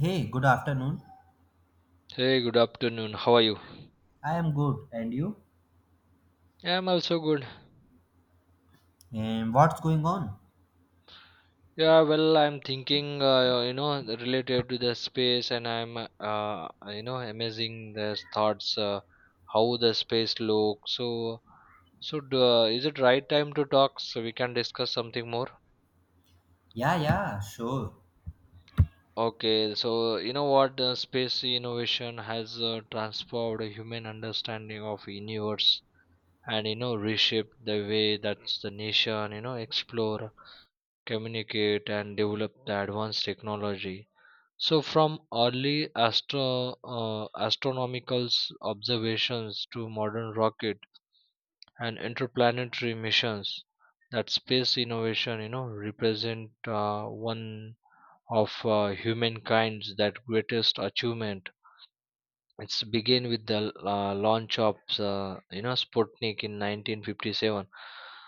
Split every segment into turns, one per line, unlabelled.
Hey, good afternoon.
Hey, good afternoon. How are you?
I am good. And you?
I'm also good.
And what's going on?
Yeah, well, I'm thinking, related to the space, and I'm, amazing the thoughts, how the space looks. So, is it right time to talk so we can discuss something more?
Yeah, yeah, sure.
Okay, the space innovation has transformed human understanding of universe, and reshaped the way that the nation, explore communicate and develop the advanced technology so from early astronomical observations to modern rocket and interplanetary missions that space innovation represent one of humankind's that greatest achievement it's begin with the launch of Sputnik in 1957.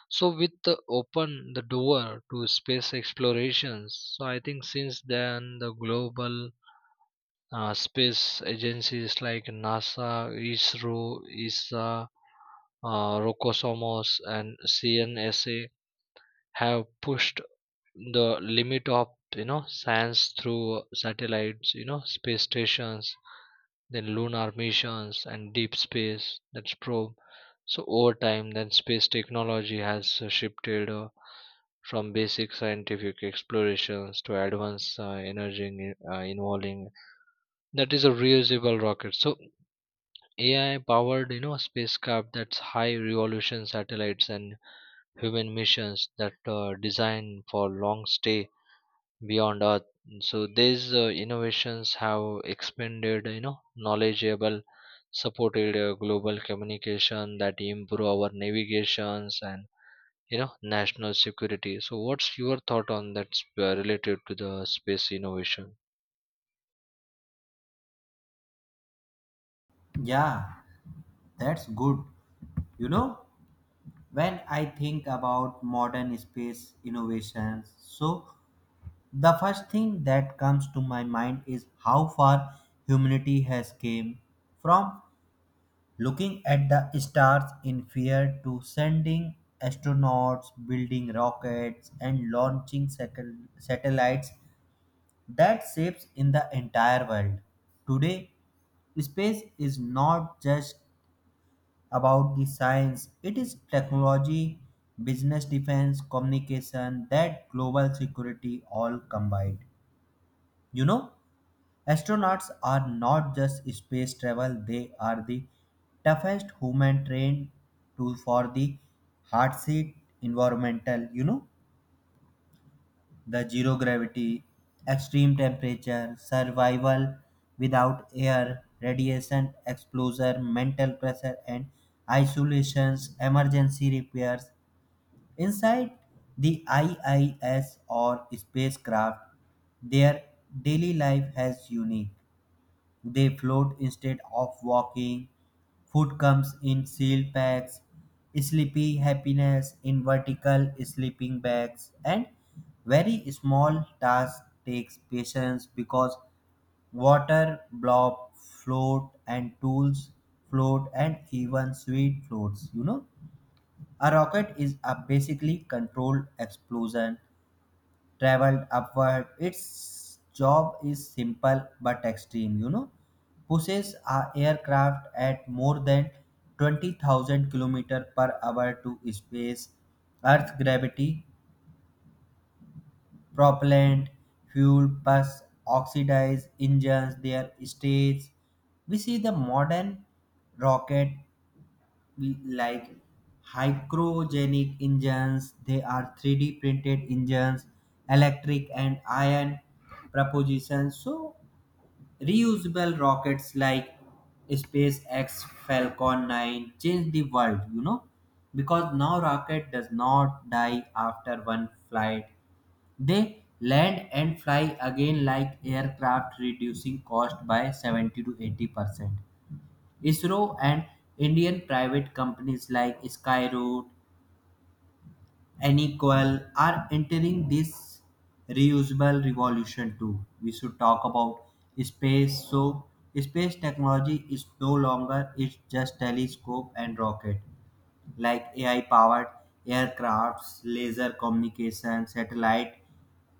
So with the open the door to space explorations. So I think since then the global space agencies like NASA, ISRO, ISA, Rokosomos, and CNSA have pushed the limit of science through satellites, space stations then lunar missions and deep space that's probe so over time then space technology has shifted from basic scientific explorations to advanced energy involving that is a reusable rocket so AI powered spacecraft that's high revolution satellites and human missions that designed for long stay beyond earth so these innovations have expanded knowledgeable supported global communication that improve our navigations and national security so what's your thought on that related to the space innovation.
Yeah, that's good. You know, when I think about modern space innovations, so the first thing that comes to my mind is how far humanity has came from looking at the stars in fear to sending astronauts, building rockets and launching satellites that shapes in the entire world. Today, space is not just about the science, it is technology, business defense, communication, that global security all combined. You know, astronauts are not just space travel, they are the toughest human trained to for the hard seat environmental, the zero gravity, extreme temperature, survival without air, radiation exposure, mental pressure, and isolations, emergency repairs. Inside the IIS or spacecraft, their daily life has unique. They float instead of walking. Food comes in sealed packs. Sleepy happiness in vertical sleeping bags. And very small task takes patience because water blob float and tools float and even sweet floats. A rocket is a basically controlled explosion traveled upward. Its job is simple but extreme, Pushes a aircraft at more than 20,000 kilometers per hour to space. Earth gravity, propellant, fuel plus oxidized engines, their states. We see the modern rocket like hygrogenic engines, they are 3D printed engines, electric and ion propulsion. So reusable rockets like spacex falcon 9 changed the world, because now rocket does not die after one flight. They land and fly again like aircraft, reducing cost by 70 to 80%. ISRO and Indian private companies like Skyroot, Anycoil are entering this reusable revolution too. We should talk about space. So, space technology is no longer it's just telescope and rocket, like AI-powered aircrafts, laser communication, satellite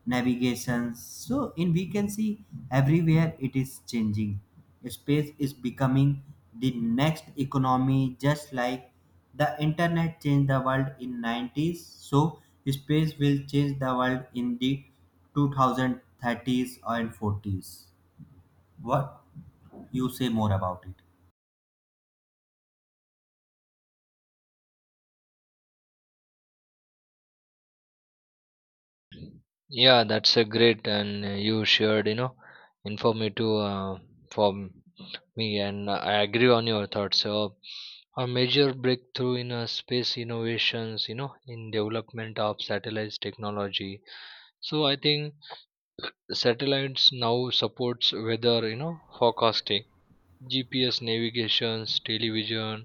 navigation. So, in we can see everywhere it is changing. Space is becoming the next economy, just like the internet changed the world in 90s. So, space will change the world in the 2030s and 40s. What you say more about it?
Yeah, that's a great and you shared informative for me and I agree on your thoughts so a major breakthrough in space innovations in development of satellite technology so I think satellites now supports weather forecasting GPS navigations television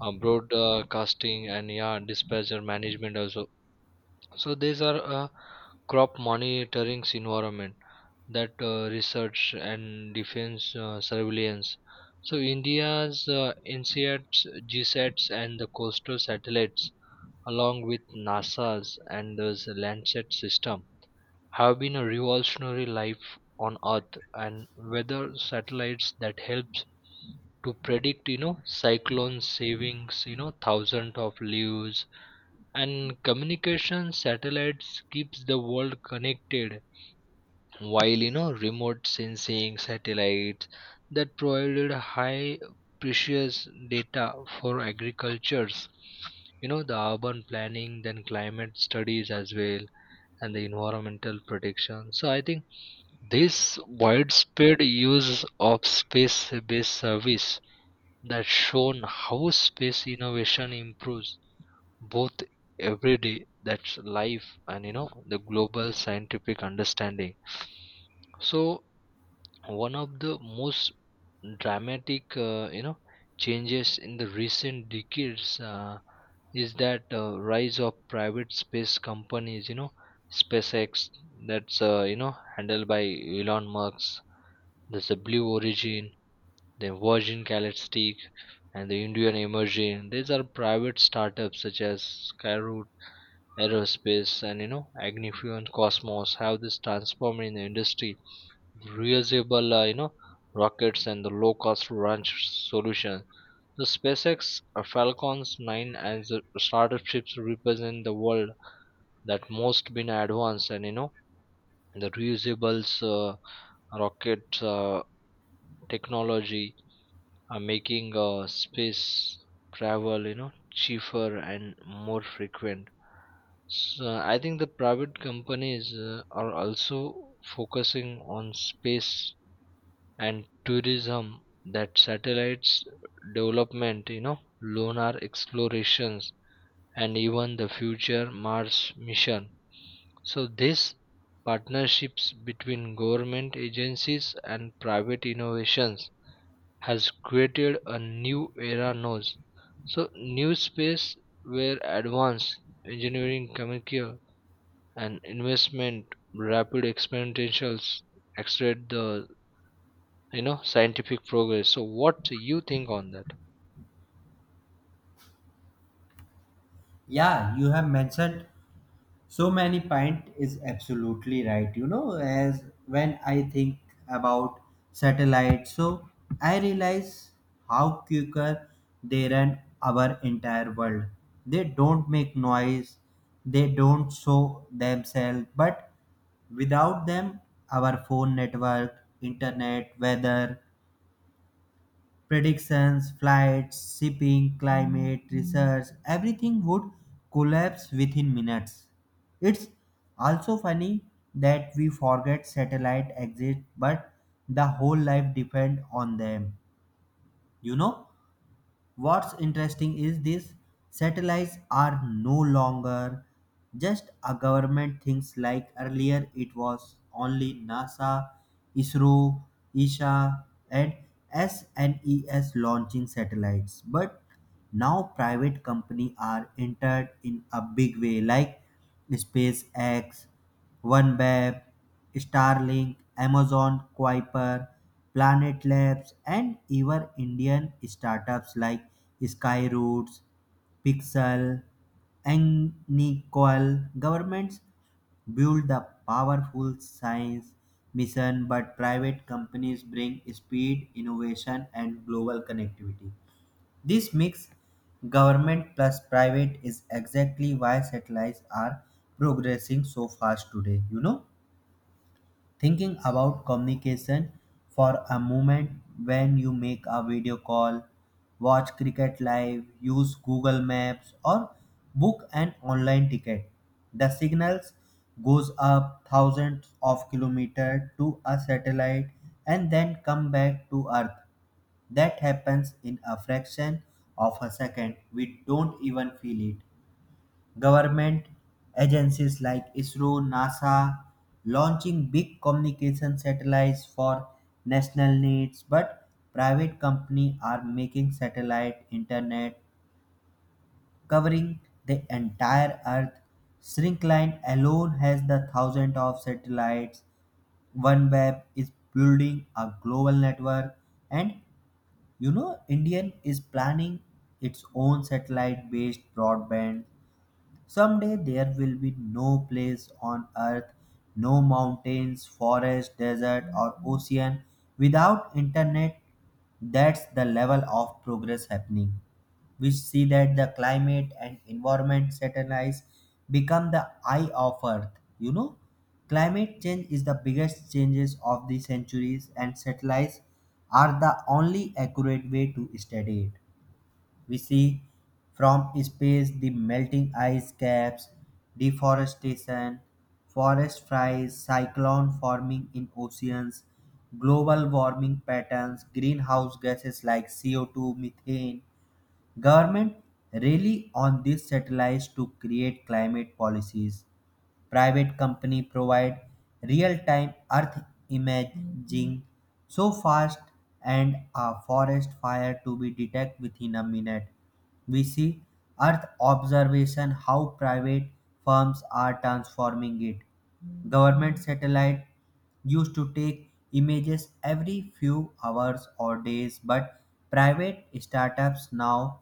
broadcasting and yeah dispatcher management also so these are crop monitoring's environment that research and defense surveillance. So India's NCATs, GSATs, and the coastal satellites, along with NASA's and the Landsat system, have been a revolutionary life on Earth and weather satellites that helps to predict, you know, cyclones, savings, you know, thousands of lives and communication satellites keeps the world connected while remote sensing satellites that provided high precious data for agricultures the urban planning then climate studies as well and the environmental protection so I think this widespread use of space based service that shown how space innovation improves both everyday that's life and the global scientific understanding so one of the most dramatic changes in the recent decades is that rise of private space companies SpaceX that's handled by Elon Musk, there's the Blue Origin, the Virgin Galactic, and the Indian emerging these are private startups such as Skyroot Aerospace and Agni-fuel and Cosmos have this transformed in the industry reusable rockets and the low cost launch solution. The SpaceX Falcon's 9 and the startup ships represent the world that most been advanced and the reusables rocket technology are making space travel cheaper and more frequent. So I think the private companies are also focusing on space and tourism that satellites development, you know, lunar explorations and even the future Mars mission. So these partnerships between government agencies and private innovations has created a new era knows. So new space where advanced engineering communicate and investment rapid exponentials accelerate the scientific progress so what do you think on that.
Yeah, you have mentioned so many point is absolutely right. You know, as when I think about satellites, so I realize how quicker they run our entire world. They don't make noise, they don't show themselves, but without them, our phone network, internet, weather, predictions, flights, shipping, climate, research, everything would collapse within minutes. It's also funny that we forget satellite exist but the whole life depend on them. You know? What's interesting is these satellites are no longer just a government things, like earlier it was only NASA, ISRO, ISA and SNES launching satellites. But now private company are entered in a big way, like SpaceX, OneWeb, Starlink, Amazon Kuiper, Planet Labs, and even Indian startups like Skyroots, Pixel, and Nickel. Governments build the powerful science mission, but private companies bring speed, innovation, and global connectivity. This mix, government plus private, is exactly why satellites are progressing so fast today. You know. Thinking about communication for a moment, when you make a video call, watch cricket live, use Google Maps, or book an online ticket. The signals goes up thousands of kilometers to a satellite and then come back to Earth. That happens in a fraction of a second. We don't even feel it. Government agencies like ISRO, NASA launching big communication satellites for national needs, but private companies are making satellite internet covering the entire earth. Shrinkline alone has the thousand of satellites. OneWeb is building a global network, and Indian is planning its own satellite based broadband. Someday there will be no place on earth, no mountains, forest, desert, or ocean without internet. That's the level of progress happening. We see that the climate and environment satellites become the eye of earth. You know, climate change is the biggest changes of the centuries, and satellites are the only accurate way to study it. We see from space the melting ice caps, deforestation, forest fires, cyclone forming in oceans, global warming patterns, greenhouse gases like CO2, methane. Government rely on these satellites to create climate policies. Private company provide real-time earth imaging so fast and a forest fire to be detected within a minute. We see earth observation how private firms are transforming it. Government satellite used to take images every few hours or days, but private startups now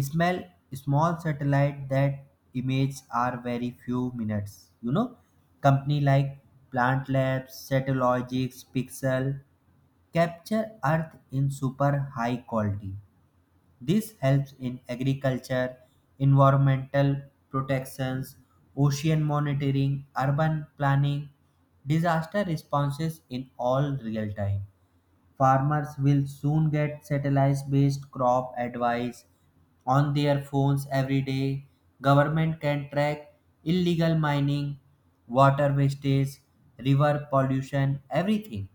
smell small satellite that images are very few minutes. Company like Plant Labs, Satellogics, Pixel capture Earth in super high quality. This helps in agriculture, environmental protections, ocean monitoring, urban planning, disaster responses in all real time. Farmers will soon get satellite based crop advice on their phones every day. Government can track illegal mining, water wastage, river pollution, everything.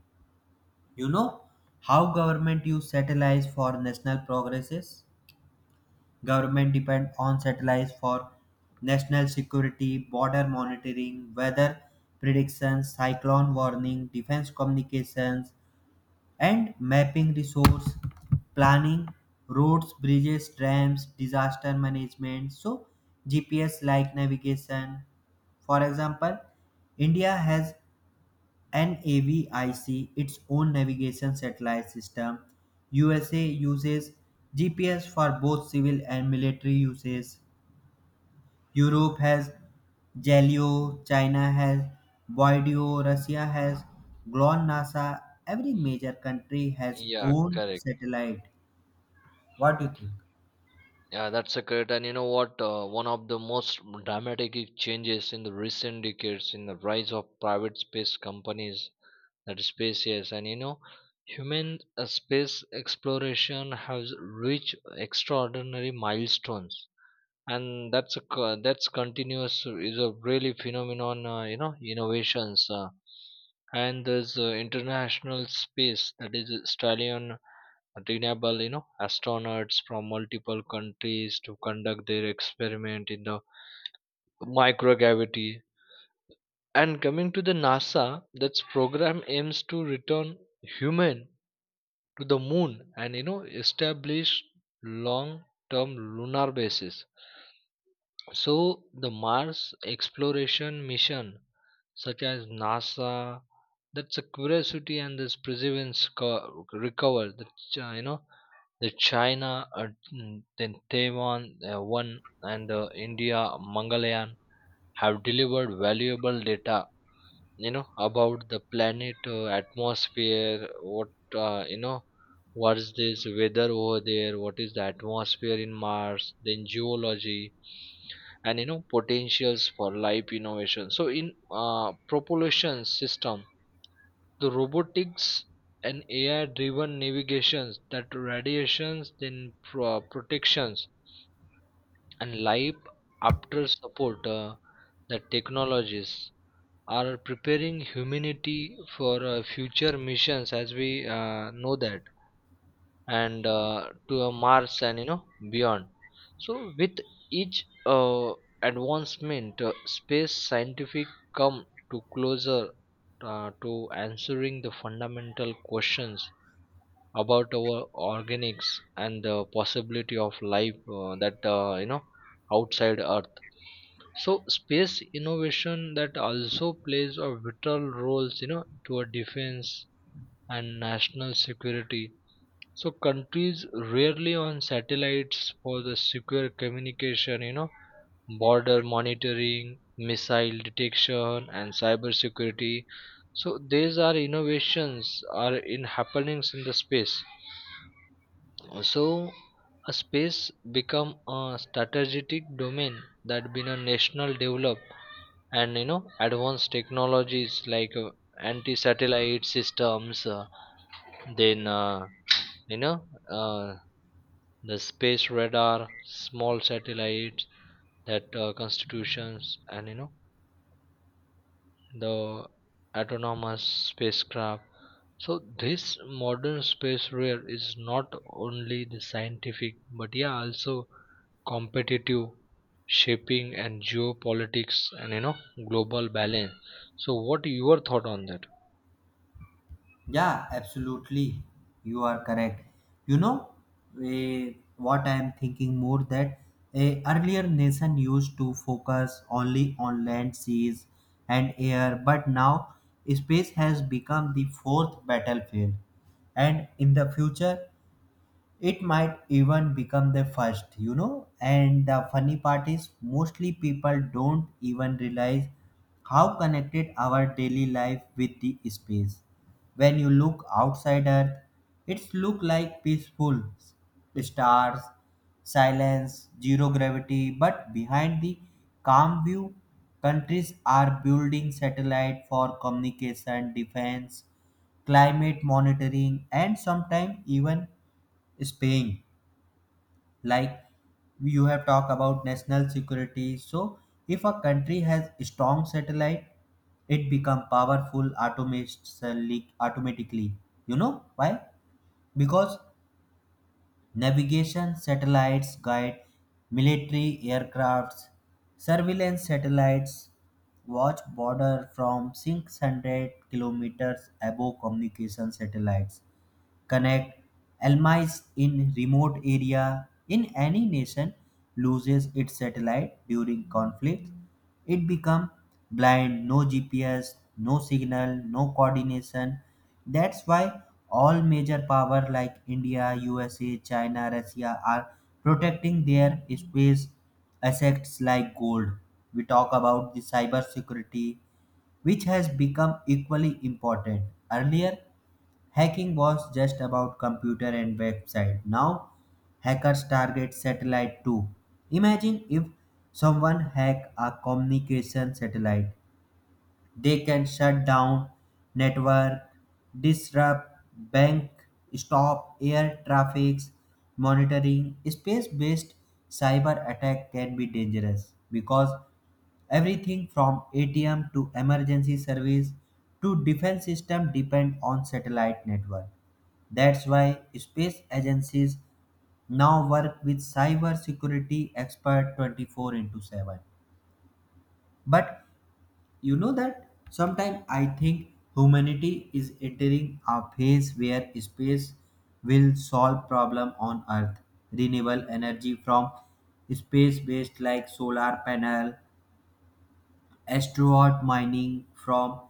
You know how government use satellites for national progresses? Government depend on satellites for national security, border monitoring, weather predictions, cyclone warning, defense communications, and mapping resource planning, roads, bridges, dams, disaster management. So, GPS like navigation. For example, India has and NAVIC, its own navigation satellite system, USA uses GPS for both civil and military uses. Europe has Galileo, China has Voideo, Russia has GLONASS. Every major country has
Yeah,
own
correct.
satellite. What do you think?
Yeah, that's a correct and you know what one of the most dramatic changes in the recent decades in the rise of private space companies that is spaces and human space exploration has reached extraordinary milestones and that's a that's continuous is a really phenomenon innovations and there's international space that is australian renewable astronauts from multiple countries to conduct their experiment in the microgravity and coming to the NASA that's program aims to return human to the moon and establish long term lunar bases. So the Mars exploration mission, such as NASA, that's a Curiosity and this Perseverance recover. The Chi- you know the China, then Taiwan one and India Mangalyaan have delivered valuable data about the planet atmosphere what uh, you know what is this weather over there what is the atmosphere in mars then geology and potentials for life innovation so in propulsion system the robotics and AI driven navigations that radiations then protections and life after support the technologies are preparing humanity for future missions as we know that and to mars and beyond so with each advancement space scientific come to closer to answering the fundamental questions about our organics and the possibility of life that you know outside earth so space innovation that also plays a vital roles, you know, to our defense and national security. So countries rarely on satellites for the secure communication, you know, border monitoring, missile detection, and cyber security. So these are innovations are in happenings in the space. So a space become a strategic domain that been a national develop and advanced technologies like anti-satellite systems then you know the space radar small satellites that constitutions and the autonomous spacecraft so this modern space rail is not only the scientific but yeah also competitive shaping and geopolitics and global balance so what your thought on that.
Yeah, absolutely. You are correct. You know, what I am thinking more that earlier nation used to focus only on land, seas, and air, but now space has become the fourth battlefield. And in the future, it might even become the first. You know, and the funny part is mostly people don't even realize how connected our daily life with the space. When you look outside earth, it's look like peaceful stars, silence, zero gravity, but behind the calm view, countries are building satellite for communication defense, climate monitoring, and sometimes even Spain, like you have talked about national security. So if a country has strong satellite, it become powerful automatically. Automatically, you know why? Because navigation satellites guide military aircrafts, surveillance satellites watch border from 600 kilometers above, communication satellites connect almis in remote area. In any nation loses its satellite during conflict, it become blind. No gps, no signal, no coordination. That's why all major power like india, usa, china, russia are protecting their space assets like gold. We talk about the cyber security, which has become equally important. Earlier hacking was just about computer and website. Now hackers target satellite too. Imagine if someone hack a communication satellite. They can shut down network, disrupt bank, stop air traffics, monitoring. Space-based cyber attack can be dangerous because everything from ATM to emergency service to defense system depend on satellite network. That's why space agencies now work with cybersecurity experts 24 into 7. But you know that sometimes I think humanity is entering a phase where space will solve problem on earth. Renewable energy from space based like solar panel, asteroid mining from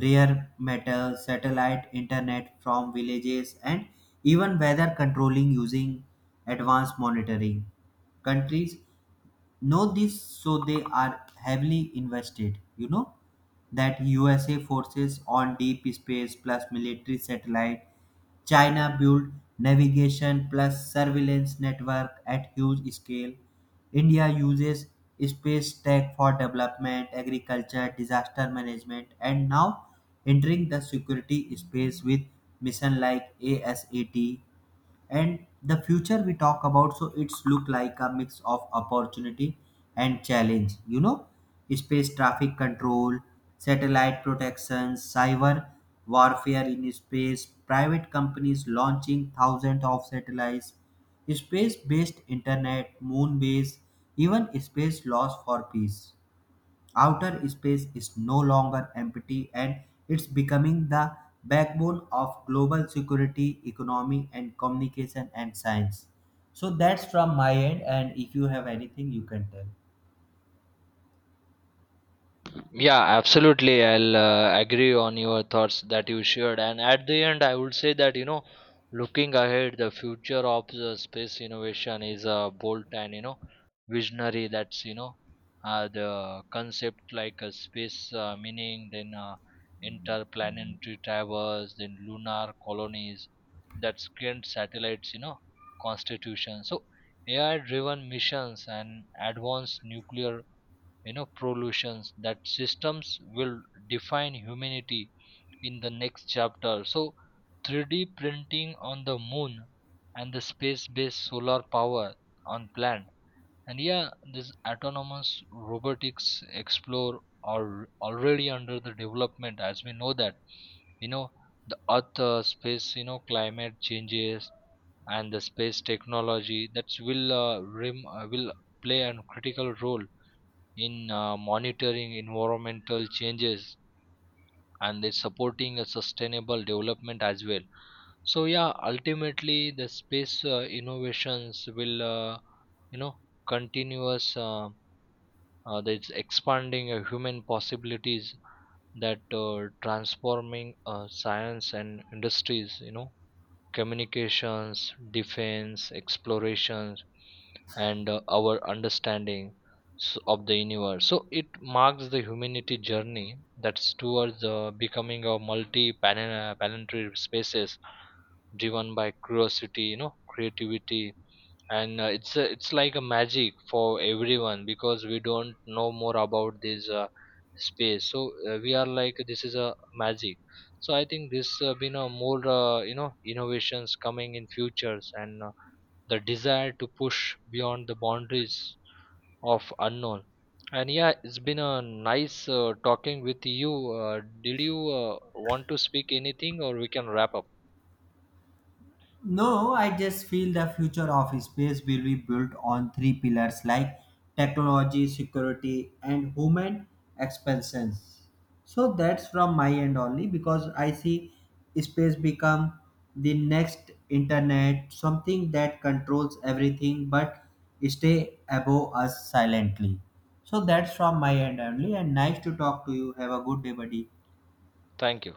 rare metals, satellite internet from villages, and even weather controlling using advanced monitoring. Countries know this, so they are heavily invested, that usa forces on deep space plus military satellite, china built navigation plus surveillance network at huge scale, india uses space tech for development, agriculture, disaster management, and now entering the security space with mission like asat. And the future we talk about, so it's look like a mix of opportunity and challenge. You know, space traffic control, satellite protection, cyber warfare in space, private companies launching thousands of satellites, space based internet, moon base, even space laws for peace. Outer space is no longer empty and it's becoming the backbone of global security, economy, and communication and science. So that's from my end. And if you have anything, you can tell.
Yeah, absolutely. I'll agree on your thoughts that you shared. And at the end, I would say that, you know, looking ahead, the future of the space innovation is a bold and, you know, visionary. That's, you know, the concept like a space meaning, then interplanetary traverse, then lunar colonies, that's grand satellites, you know, constitution. So AI driven missions and advanced nuclear prolutions that systems will define humanity in the next chapter so 3D printing on the moon and the space based solar power on plant and yeah this autonomous robotics explore are already under the development as we know that you know the earth space climate changes and the space technology that will will play a critical role in monitoring environmental changes and they're supporting a sustainable development as well so yeah ultimately the space innovations will you know continuous that's expanding human possibilities that transforming science and industries you know communications, defense, explorations, and our understanding of the universe. So it marks the humanity journey that's towards becoming a multi-planetary spaces driven by curiosity, you know, creativity, and it's a, it's like a magic for everyone because we don't know more about this space so we are like this is a magic so I think this been a more innovations coming in futures and the desire to push beyond the boundaries of unknown and yeah it's been a nice talking with you. Did you want to speak anything or we can wrap up?
No, I just feel the future of space will be built on 3 pillars like technology, security, and human expansion. So that's from my end only, because I see space become the next internet, something that controls everything but stay above us silently. So that's from my end only and nice to talk to you. Have a good day, buddy.
Thank you.